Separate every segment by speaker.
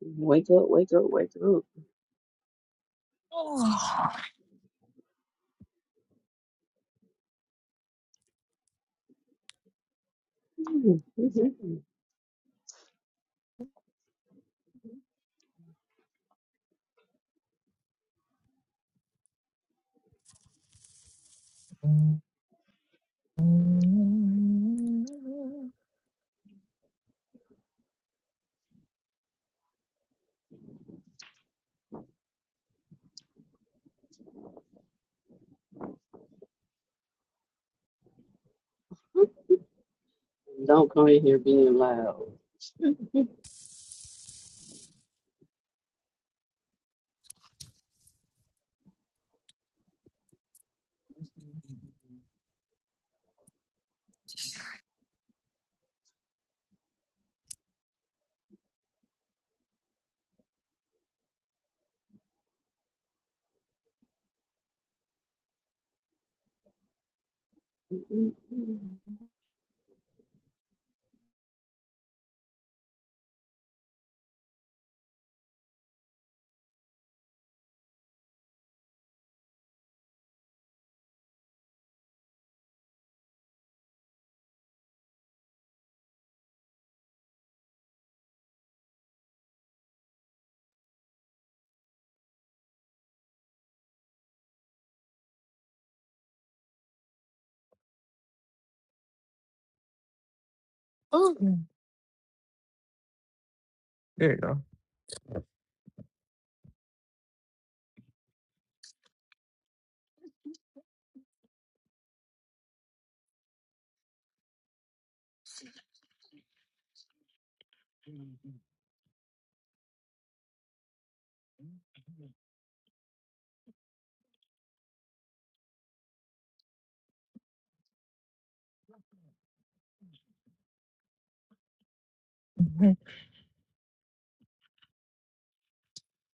Speaker 1: Wake up, wake up, wake up.
Speaker 2: Oh. Ooh.
Speaker 1: Don't come in here being loud. like
Speaker 2: There you go.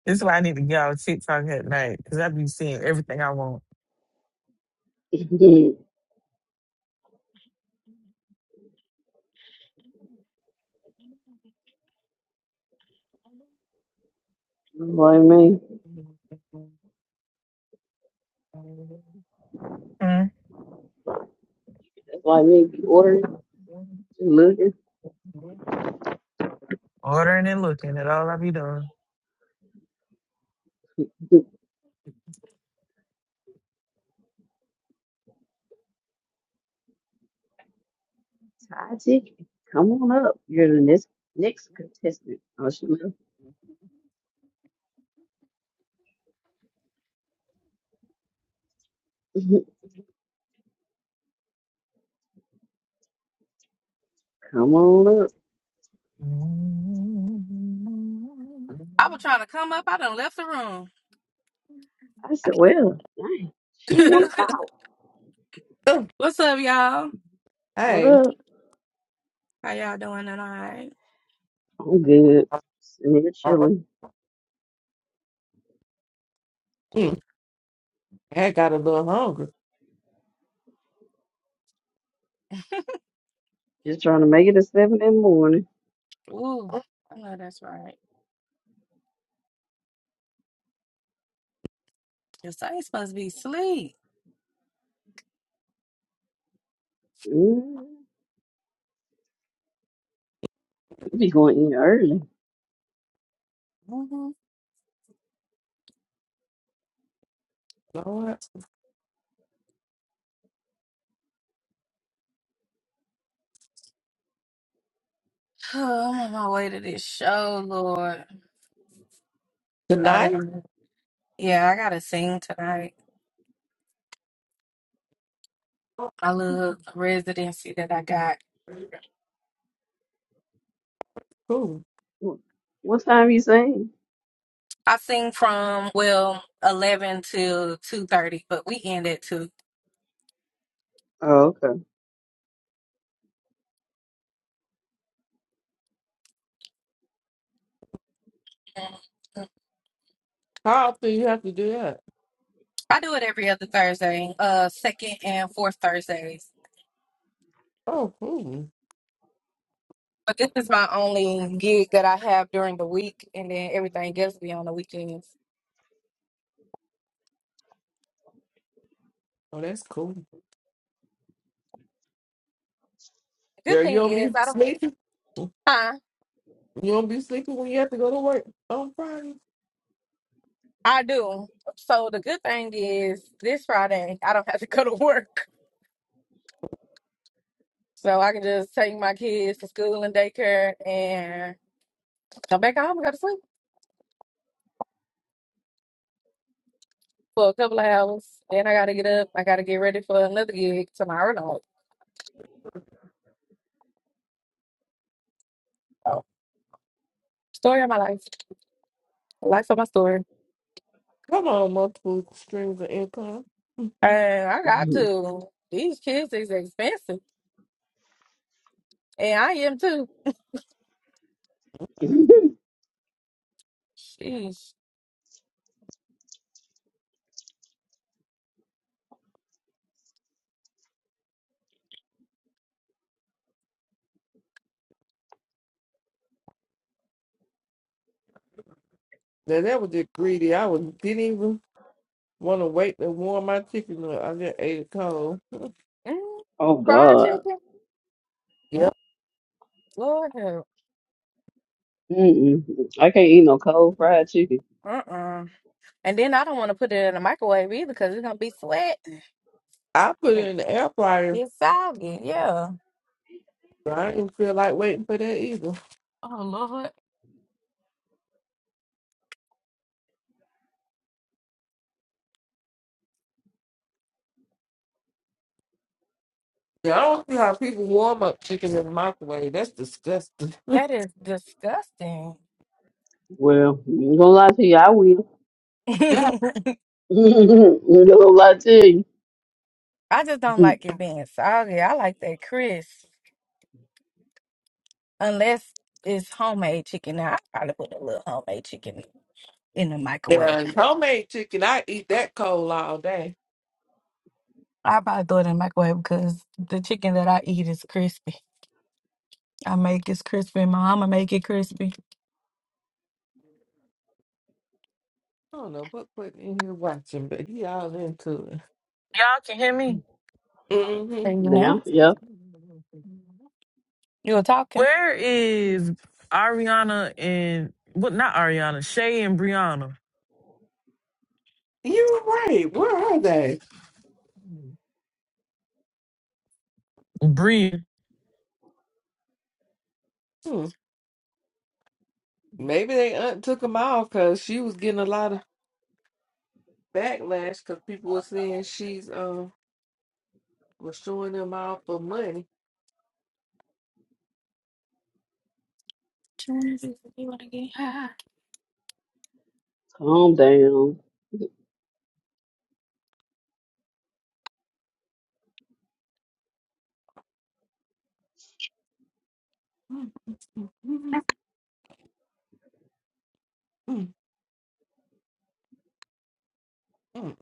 Speaker 2: This is why I need to get off TikTok at night because I be seeing everything I want.
Speaker 1: me.
Speaker 2: Mm.
Speaker 1: That's like me. If you looking,
Speaker 2: Ordering and looking at all I be doing.
Speaker 1: Taji, come on up. You're the next next contestant. Oh, she left. come on up.
Speaker 3: I was trying to come up. I done left the room.
Speaker 1: I said, well, dang, she wants out.
Speaker 4: Oh,
Speaker 3: What's up, y'all?
Speaker 1: What
Speaker 4: hey,
Speaker 1: up?
Speaker 3: How y'all doing tonight?
Speaker 1: I'm good. Sitting here chilling.
Speaker 4: mm, I got a little hungry.
Speaker 1: Just trying to make it to seven in the morning.
Speaker 3: Ooh, I know that's right. Your ain't supposed to be asleep.
Speaker 1: Mm, you be going in early.
Speaker 3: Mhm.
Speaker 4: You know what?
Speaker 3: Oh, I'm on my way to this show, Lord. I
Speaker 4: Tonight?
Speaker 3: didn't, yeah, I gotta sing tonight. My little residency that I got.
Speaker 4: Cool.
Speaker 1: Wh- What time you saying?
Speaker 3: I sing from well eleven till two thirty, but we end at two.
Speaker 1: Oh, okay.
Speaker 4: How often you have to do that?
Speaker 3: I do it every other Thursday, uh, second and fourth Thursdays.
Speaker 4: Oh, cool.
Speaker 3: But this is my only gig that I have during the week, and then everything else be on the weekends.
Speaker 4: Oh, that's cool.
Speaker 3: The Good
Speaker 4: Girl, you
Speaker 3: thing
Speaker 4: don't
Speaker 3: is
Speaker 4: be
Speaker 3: I don't.
Speaker 4: sleeping?
Speaker 3: Huh?
Speaker 4: You don't be sleeping when you have to go to work on Friday?
Speaker 3: I do. So the good thing is this Friday I don't have to go to work, so I can just take my kids to school and daycare and come back home and go to sleep for a couple of hours. Then I gotta get up. I gotta get ready for another gig tomorrow night. So story of my life, life of my story,
Speaker 4: Come on, multiple streams of income.
Speaker 3: and I got
Speaker 1: Mhm.
Speaker 3: to. These kids is expensive, and I am too. Sheesh.
Speaker 4: Now, that was just greedy. I was, didn't even want to wait to warm my chicken up. I just ate it cold.
Speaker 3: Mm,
Speaker 1: oh
Speaker 3: fried
Speaker 1: God.
Speaker 3: chicken?
Speaker 4: Yep.
Speaker 3: Lord help.
Speaker 1: Mm-mm. I can't eat no cold fried chicken.
Speaker 3: Uh-uh. And then I don't want to put it in the microwave either because it's gonna be sweat.
Speaker 4: I put it
Speaker 3: Mm,
Speaker 4: in the air fryer,
Speaker 3: It's soggy, yeah.
Speaker 4: but I didn't feel like waiting for that either.
Speaker 3: Oh Lord.
Speaker 4: Yeah, I don't see how people warm up chicken in the microwave. That's disgusting.
Speaker 3: That is disgusting.
Speaker 1: Well, I'm gonna lie to you, I will.
Speaker 4: Yeah,
Speaker 1: I'm gonna lie to
Speaker 3: I just don't
Speaker 1: you.
Speaker 3: like it being soggy. I like that crisp. Unless it's homemade chicken. Now I probably put a little homemade chicken in the microwave.
Speaker 4: Yeah, homemade chicken, I eat that cold all day.
Speaker 3: I probably throw it in the microwave because the chicken that I eat is crispy. I make it crispy. My mama make it crispy.
Speaker 4: I don't know what put in here watching, but he all into it.
Speaker 2: Y'all can hear me?
Speaker 4: Mm-hmm.
Speaker 3: And you now?
Speaker 1: Now, yep.
Speaker 3: You were talking?
Speaker 2: Where is Ariana and what? Not Ariana. Shay and Brianna.
Speaker 4: You're right. Where are they?
Speaker 2: Bree.
Speaker 4: Hmm. Maybe they aunt took them off because she was getting a lot of backlash because people were saying she's um was showing them off for money.
Speaker 1: Calm down.
Speaker 4: Mm, mm, mm, mm, mm.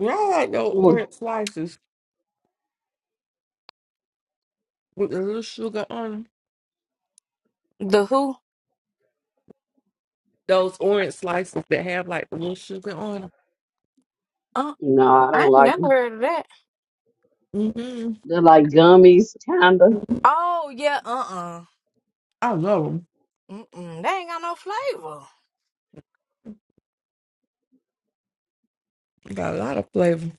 Speaker 4: Yeah, I like those
Speaker 1: no,
Speaker 4: orange slices with a little sugar on 'em.
Speaker 3: The who?
Speaker 4: those orange slices that have like the little sugar on them.
Speaker 3: Uh,
Speaker 1: I
Speaker 3: I
Speaker 1: don't
Speaker 3: ain't
Speaker 1: like
Speaker 3: never
Speaker 1: them.
Speaker 3: heard of that.
Speaker 4: Mm-hmm.
Speaker 1: They're like gummies, kinda.
Speaker 3: Oh yeah, uh uh
Speaker 4: I love them.
Speaker 3: mm, mm. They ain't got no flavor.
Speaker 4: Got a lot of flavor.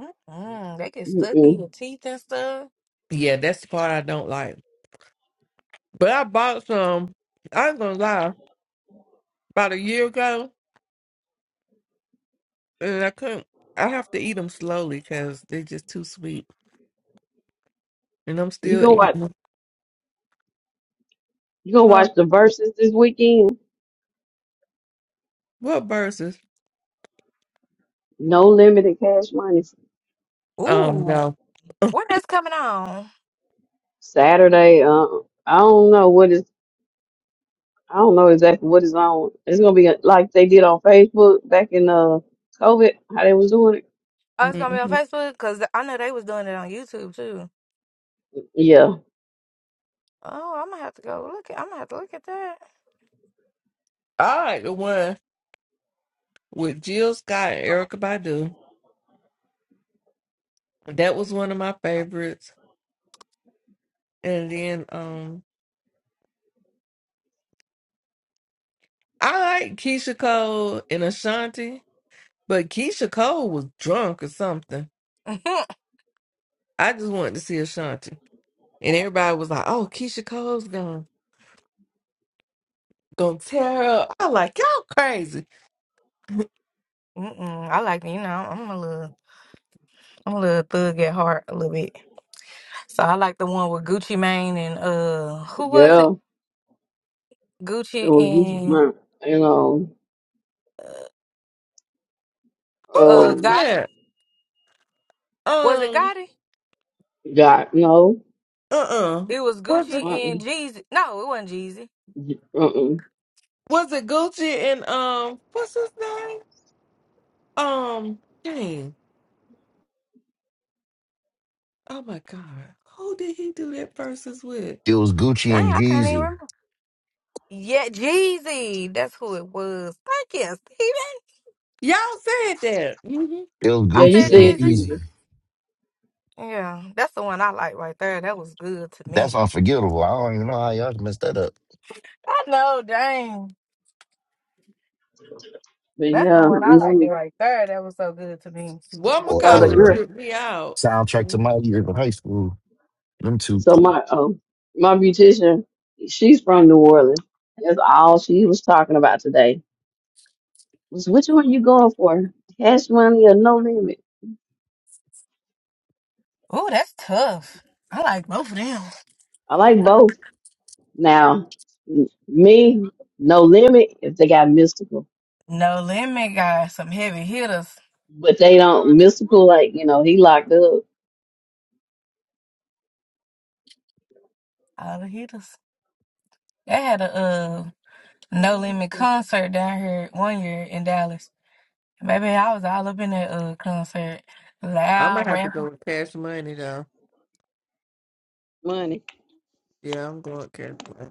Speaker 3: Mm-mm. They get stuck in
Speaker 1: Mm-mm.
Speaker 3: your teeth and stuff.
Speaker 4: Yeah, that's the part I don't like. But I bought some. I'm gonna lie. About a year ago, and I couldn't. I have to eat them slowly because they're just too sweet, and I'm
Speaker 1: You
Speaker 4: still
Speaker 1: go
Speaker 4: eating
Speaker 1: watch.
Speaker 4: them.
Speaker 1: You gonna
Speaker 4: Huh?
Speaker 1: watch the verses this weekend?
Speaker 4: What verses?
Speaker 1: No limited cash money.
Speaker 4: Um,
Speaker 3: Ooh,
Speaker 4: no.
Speaker 3: when that's coming on?
Speaker 1: Saturday. Uh, I don't know what is. I don't know exactly what is on. It's gonna be like they did on Facebook back in uh COVID, how they was doing it.
Speaker 3: Oh, it's gonna be on
Speaker 4: Mm-hmm.
Speaker 3: Facebook because I know they was doing it on YouTube too.
Speaker 1: Yeah,
Speaker 3: Oh, I'm gonna have to go look at. I'm gonna have to look at that.
Speaker 4: I like the one with Jill Scott and Erica Badu. That was one of my favorites. And then, um, I like Keisha Cole and Ashanti, but Keisha Cole was drunk or something. I just wanted to see Ashanti. And everybody was like, oh, Keisha Cole's gonna, gonna tear her up. I like, y'all crazy.
Speaker 3: Mm-mm. I like you know. I'm a little. I'm a little thug at heart a little bit. So I like the one with Gucci Mane and uh, who was it?
Speaker 1: yeah. It
Speaker 3: Gucci
Speaker 1: was Gucci
Speaker 3: and
Speaker 1: Grant and um
Speaker 3: uh
Speaker 4: Who
Speaker 3: uh,
Speaker 4: was
Speaker 1: oh
Speaker 3: Gotti.
Speaker 4: that?
Speaker 3: Was it
Speaker 4: Um,
Speaker 3: Gotti?
Speaker 1: God no
Speaker 4: uh-uh.
Speaker 3: It was
Speaker 4: Was it
Speaker 3: Gucci
Speaker 1: uh-uh.
Speaker 3: and Jeezy. No, it wasn't Jeezy.
Speaker 1: uh-uh.
Speaker 4: was it Gucci and um what's his name? Um dang. Oh my god. Who did he do that versus with?
Speaker 5: It was
Speaker 3: Dang,
Speaker 5: Gucci and
Speaker 3: I can't even
Speaker 5: Jeezy.
Speaker 3: remember. Yeah, Jeezy. That's who it was. Thank you, Steven.
Speaker 4: Y'all said that. Mm-hmm.
Speaker 5: It was
Speaker 1: yeah
Speaker 3: I
Speaker 1: you
Speaker 3: said
Speaker 5: Gucci and
Speaker 1: said
Speaker 3: Jeezy.
Speaker 5: Jeezy.
Speaker 1: Jesus
Speaker 3: Yeah, that's the one I like right there. That was good to
Speaker 5: That's
Speaker 3: me.
Speaker 5: unforgettable. I don't even know how y'all messed that up.
Speaker 3: I know, dang.
Speaker 1: but
Speaker 3: That's
Speaker 1: yeah
Speaker 3: the one I liked it
Speaker 1: no
Speaker 3: right there. That was so good to me.
Speaker 4: One
Speaker 5: Or that
Speaker 1: so the
Speaker 4: McCollum
Speaker 5: was
Speaker 1: girl
Speaker 4: tripped me out.
Speaker 5: a soundtrack to my years in high school. Them two
Speaker 1: so my um my beautician she's from New Orleans that's all she was talking about today was which one you going for cash money or no limit
Speaker 3: Oh, that's tough. I like both of them.
Speaker 1: I like both Now, m- me, no limit if they got mystical,
Speaker 3: No Limit got some heavy hitters.
Speaker 1: but they don't mystical like you know he locked up
Speaker 3: All the hitters. They had a uh, No
Speaker 4: Mm-hmm.
Speaker 3: Limit concert down here one year in Dallas. Baby, I was all up in that uh, concert.
Speaker 4: I'm gonna
Speaker 3: Loud,
Speaker 4: have to go
Speaker 3: rapping.
Speaker 4: with cash money though.
Speaker 1: money.
Speaker 4: Yeah, I'm going with cash money.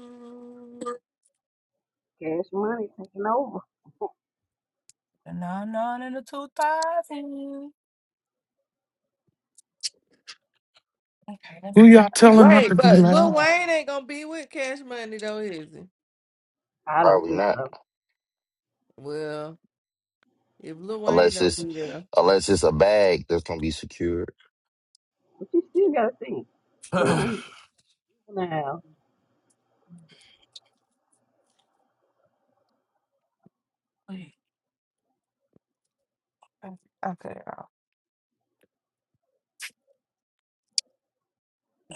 Speaker 4: Mm.
Speaker 1: Cash money taking over.
Speaker 3: No, no, in the 2000. Okay, let
Speaker 6: Who y'all telling not
Speaker 4: Wait,
Speaker 6: to be
Speaker 4: but Lil
Speaker 6: loud?
Speaker 4: Wayne ain't gonna be with cash money though, is he?
Speaker 1: I don't
Speaker 5: probably
Speaker 1: think
Speaker 5: not,
Speaker 1: so.
Speaker 4: Well, if Lil Wayne
Speaker 5: unless
Speaker 4: don't
Speaker 5: it's
Speaker 4: be there,
Speaker 5: unless it's a bag that's gonna be secured.
Speaker 1: But you still gotta think. Man, now
Speaker 3: me go. Okay.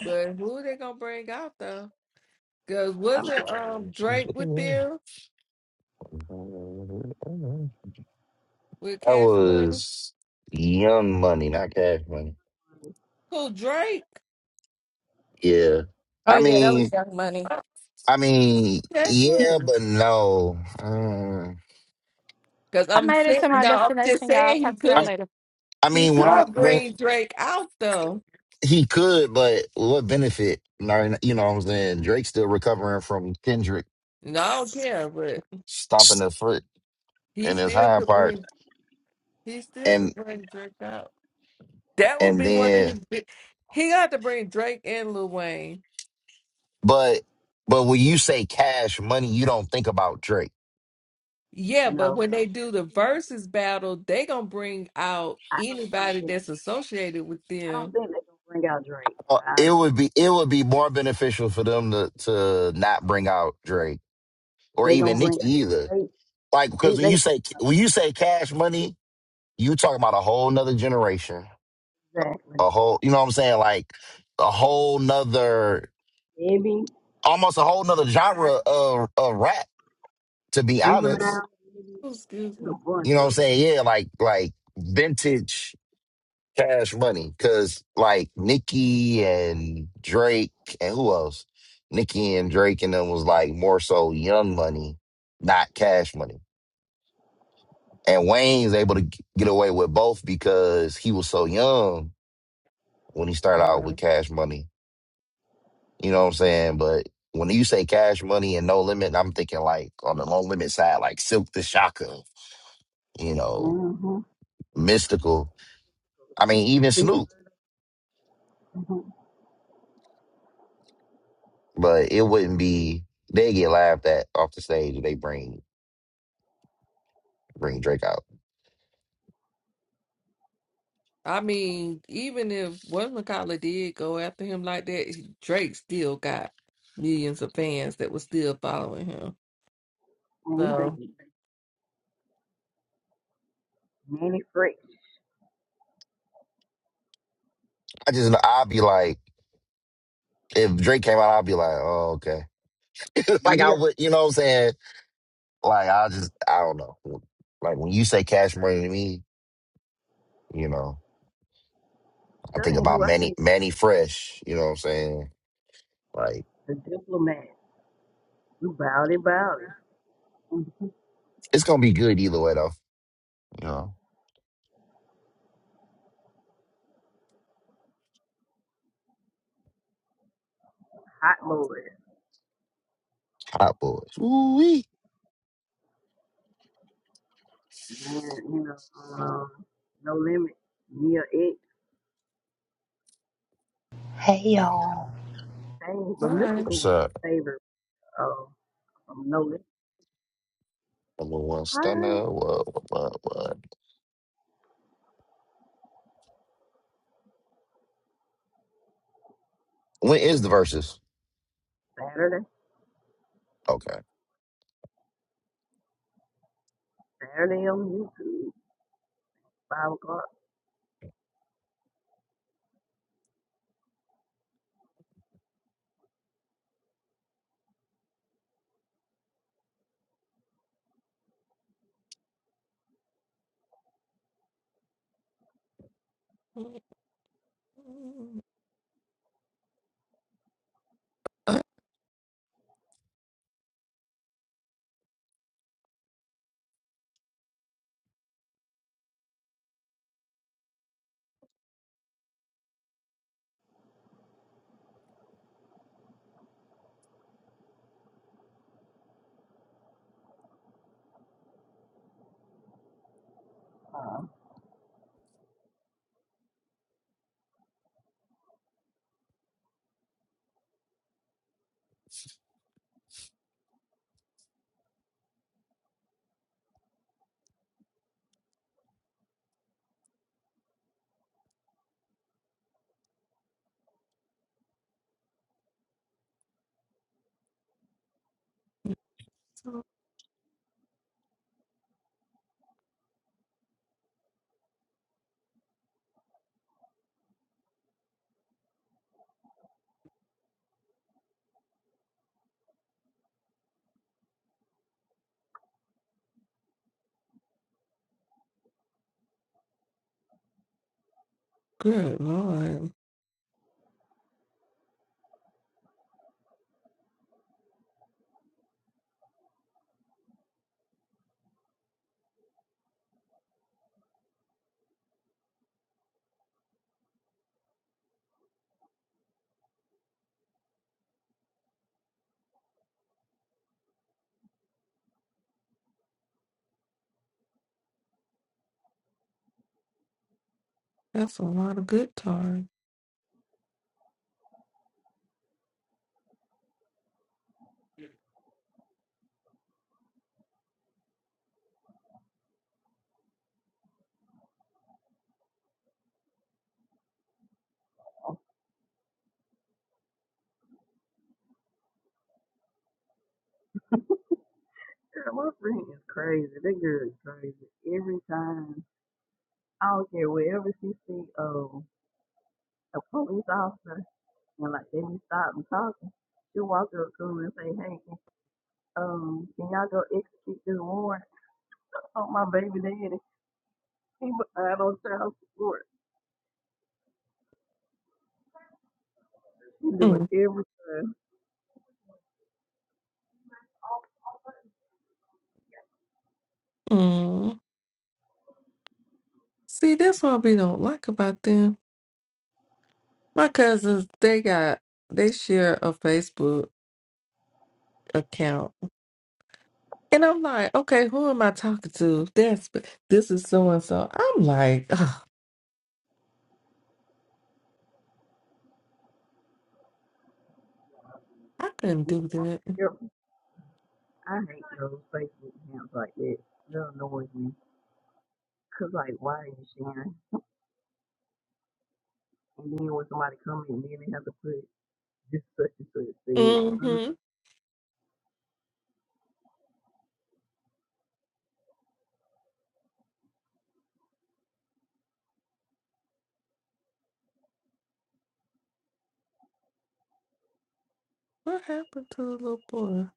Speaker 4: but who they gonna bring out though? Cause
Speaker 1: I
Speaker 5: I
Speaker 4: wasn't
Speaker 1: mean,
Speaker 5: don't know
Speaker 4: um
Speaker 5: what she was
Speaker 4: Drake with
Speaker 5: looking
Speaker 4: them
Speaker 5: for.
Speaker 4: with
Speaker 5: That
Speaker 4: cash money?
Speaker 5: was Young Money, not Cash Money.
Speaker 4: Who Drake?
Speaker 5: Yeah,
Speaker 3: Oh
Speaker 5: I
Speaker 3: yeah, that was
Speaker 5: mean,
Speaker 3: Young Money.
Speaker 5: I mean,
Speaker 4: Cash
Speaker 5: yeah,
Speaker 4: money.
Speaker 5: but no. Mm.
Speaker 4: Cause
Speaker 3: I
Speaker 4: I'm
Speaker 3: made it
Speaker 4: saying
Speaker 3: to my
Speaker 4: no, I'm just
Speaker 3: destination, y'all.
Speaker 4: saying he
Speaker 3: Talk to y'all
Speaker 5: I
Speaker 4: could
Speaker 3: later.
Speaker 5: I
Speaker 4: he
Speaker 5: mean,
Speaker 1: all
Speaker 5: when I
Speaker 1: right.
Speaker 4: could
Speaker 5: when
Speaker 4: bring Drake out though.
Speaker 5: He could, but what benefit? No, You know what I'm saying? Drake's still recovering from Kendrick
Speaker 4: No, I don't care, but
Speaker 5: stomping the foot
Speaker 4: he
Speaker 5: in his
Speaker 4: still
Speaker 5: hind
Speaker 4: could
Speaker 5: part.
Speaker 4: bring he still could
Speaker 5: And
Speaker 4: bring Drake out. That would
Speaker 5: and
Speaker 4: be one of
Speaker 5: then
Speaker 4: his. bi- He got to bring Drake and Lil Wayne.
Speaker 5: but but when you say cash money, you don't think about Drake.
Speaker 4: Yeah, but
Speaker 1: No,
Speaker 4: when they do the versus battle, they gonna bring out
Speaker 1: I don't think
Speaker 4: anybody
Speaker 1: they're
Speaker 4: that's
Speaker 1: gonna.
Speaker 4: associated with
Speaker 1: I don't
Speaker 4: them.
Speaker 1: think they're gonna bring out Drake.
Speaker 5: Uh,
Speaker 1: I,
Speaker 5: It would be it would be more beneficial for them to to not bring out Drake or
Speaker 1: they gonna
Speaker 5: even
Speaker 1: bring
Speaker 5: Nicki
Speaker 1: out
Speaker 5: either.
Speaker 1: Drake.
Speaker 5: Like
Speaker 1: They,
Speaker 5: because when
Speaker 1: they
Speaker 5: you say when you say cash money, you talking about a whole nother generation.
Speaker 1: exactly.
Speaker 5: A whole you know what I'm saying? Like a whole nother
Speaker 1: Maybe
Speaker 5: almost a whole nother genre of, of rap, to be honest.
Speaker 1: juvenile. Maybe
Speaker 4: Oh, excuse
Speaker 1: There's
Speaker 4: me.
Speaker 1: a bunch
Speaker 5: You know what I'm
Speaker 1: of.
Speaker 5: saying? Yeah, like like vintage cash money. Cause like Nicki and Drake and who else? Nicki and Drake and them was like more so young money, not cash money. And Wayne's able to g- get away with both because he was so young when he started out
Speaker 4: Yeah.
Speaker 5: with cash money. You know what I'm saying? But when you say cash money and no limit, I'm thinking like on the no limit side, like Silk the Shocker you know,
Speaker 1: them.
Speaker 5: mystical. I mean, even Snoop,
Speaker 1: Mm-hmm.
Speaker 5: but it wouldn't be they get laughed at off the stage if they bring bring Drake out.
Speaker 4: I mean, even if what McCullough did go after him like that, he- Drake still got millions of fans that was still following him. So,
Speaker 5: I just I'd be like, if Drake came out, I'd be like, oh okay, like I would, you know what I'm saying? Like I just I don't know. Like when you say Cash Money to me, you know, I think about Manny Manny Fresh. You know what I'm saying? Like it's gonna be good either way though. You know, Hot Boys. Ooh wee.
Speaker 7: hey y'all
Speaker 4: all right.
Speaker 5: What's up? Number one stunner. What what what? what? When is the verses? Okay.
Speaker 4: Good lord, that's a lot of good time. See, that's what we don't like about them. My cousins, they got they share a Facebook account, and I'm like, okay, who am I talking to? That's this is so and so. I'm like, ugh, I couldn't do that. Mm-hmm. What happened to the little boy?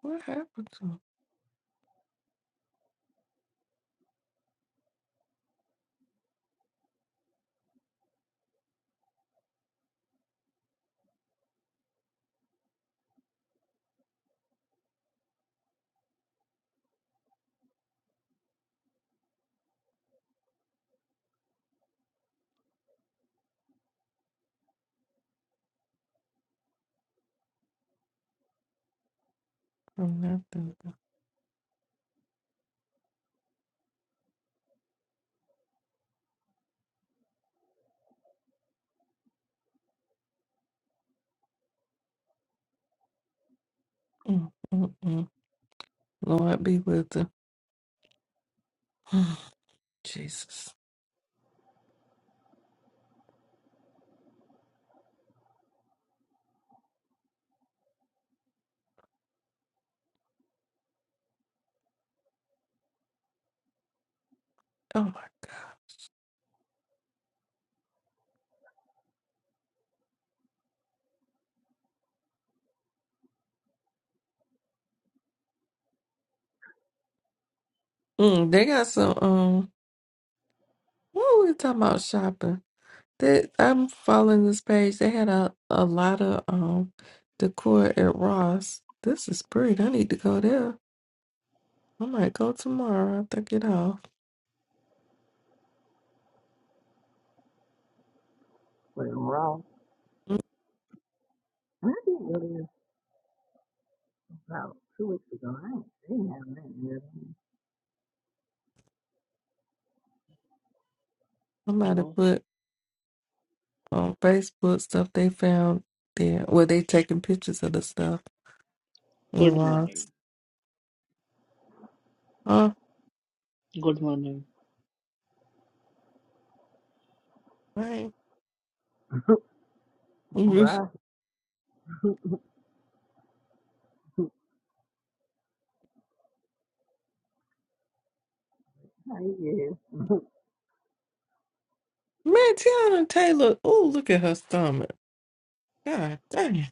Speaker 4: What happened to him? I'm not thinking. Mm, mm, mm. Lord be with them. Jesus. Oh my. Mm, they got some. Um, what were we talking about shopping? That I'm following this page. They had a, a lot of um decor at Ross. This is pretty. I need to go there. I might go tomorrow after I get off. Mm, I might have
Speaker 8: Hello.
Speaker 4: put on Facebook stuff they found there. Well, they taking pictures of the stuff in
Speaker 8: Good morning.
Speaker 4: Ross. Huh?
Speaker 8: Good morning.
Speaker 4: Right. Mhm. Man, Tiana Taylor. Oh, look at her stomach. God dang. it.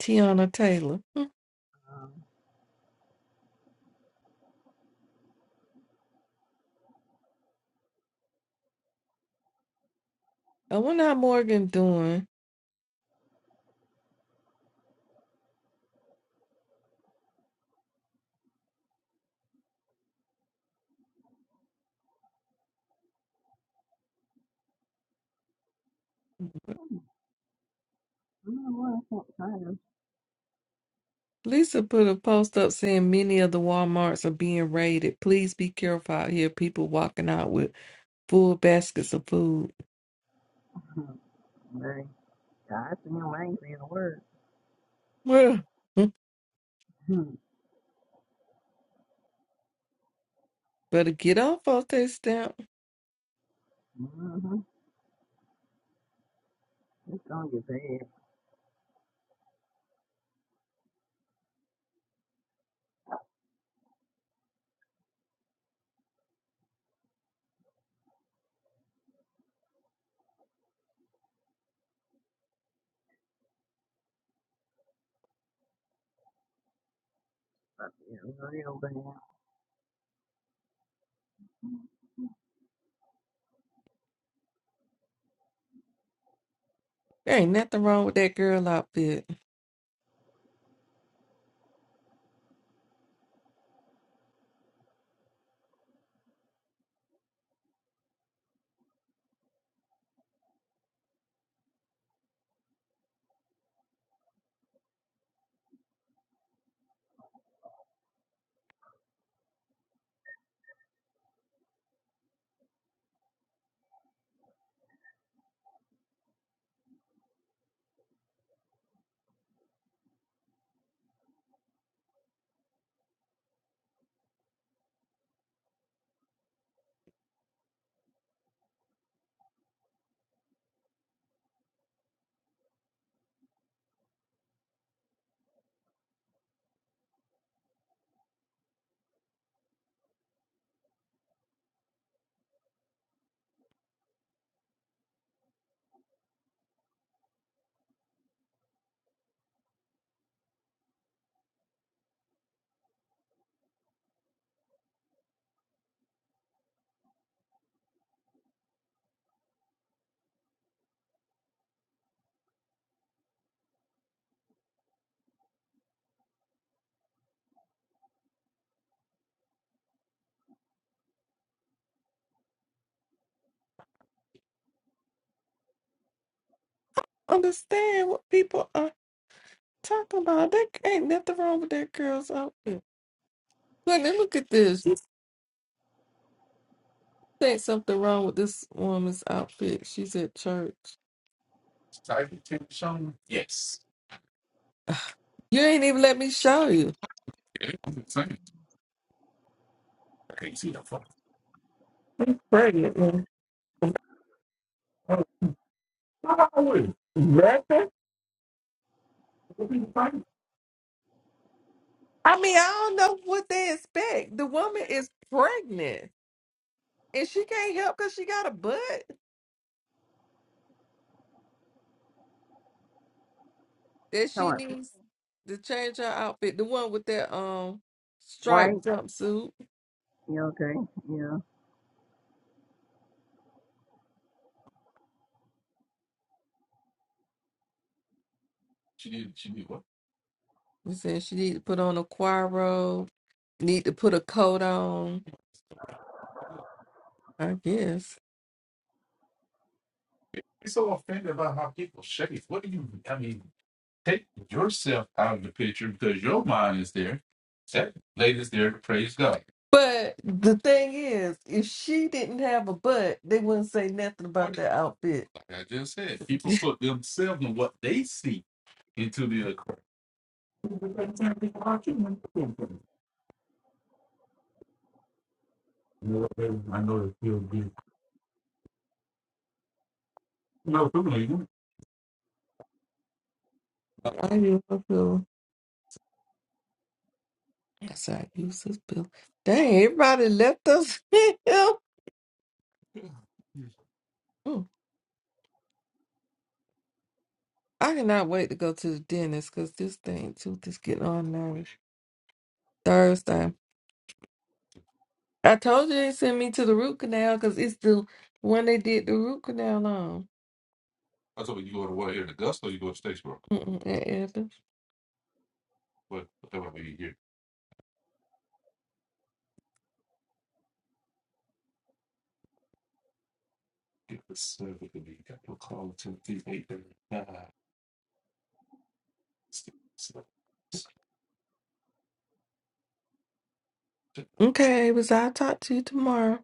Speaker 4: Tiana Taylor. Hmm. I wonder how Morgan doing. Lisa put a post up saying many of the Walmarts are being raided. Please be careful out here. People walking out with full baskets of food. Well, hmm, better get off of that stamp. There ain't nothing wrong with that girl outfit. Understand what people are talking about. There ain't nothing wrong with that girl's outfit. Honey, look at this. You think something wrong with this woman's outfit. She's at church. You ain't even let me show you. Pregnant. man. I mean, I don't know what they expect. The woman is pregnant and she can't help because she got a butt that she needs to change her outfit. The one with that um striped jumpsuit. She need she need what? You said she need to put on a choir robe, need to put a coat on, I guess. But the thing is, if she didn't have a butt, they wouldn't say nothing about that outfit. I, hear you. That's our useless bill. Dang, everybody left us. Mm, I cannot wait to go to the dentist because this thing tooth is getting on nerves. Thursday. I told you they sent me to the root canal because it's the one they did the root canal on. Mm-mm, at Athens. Okay, Avis, I'll talk to you tomorrow.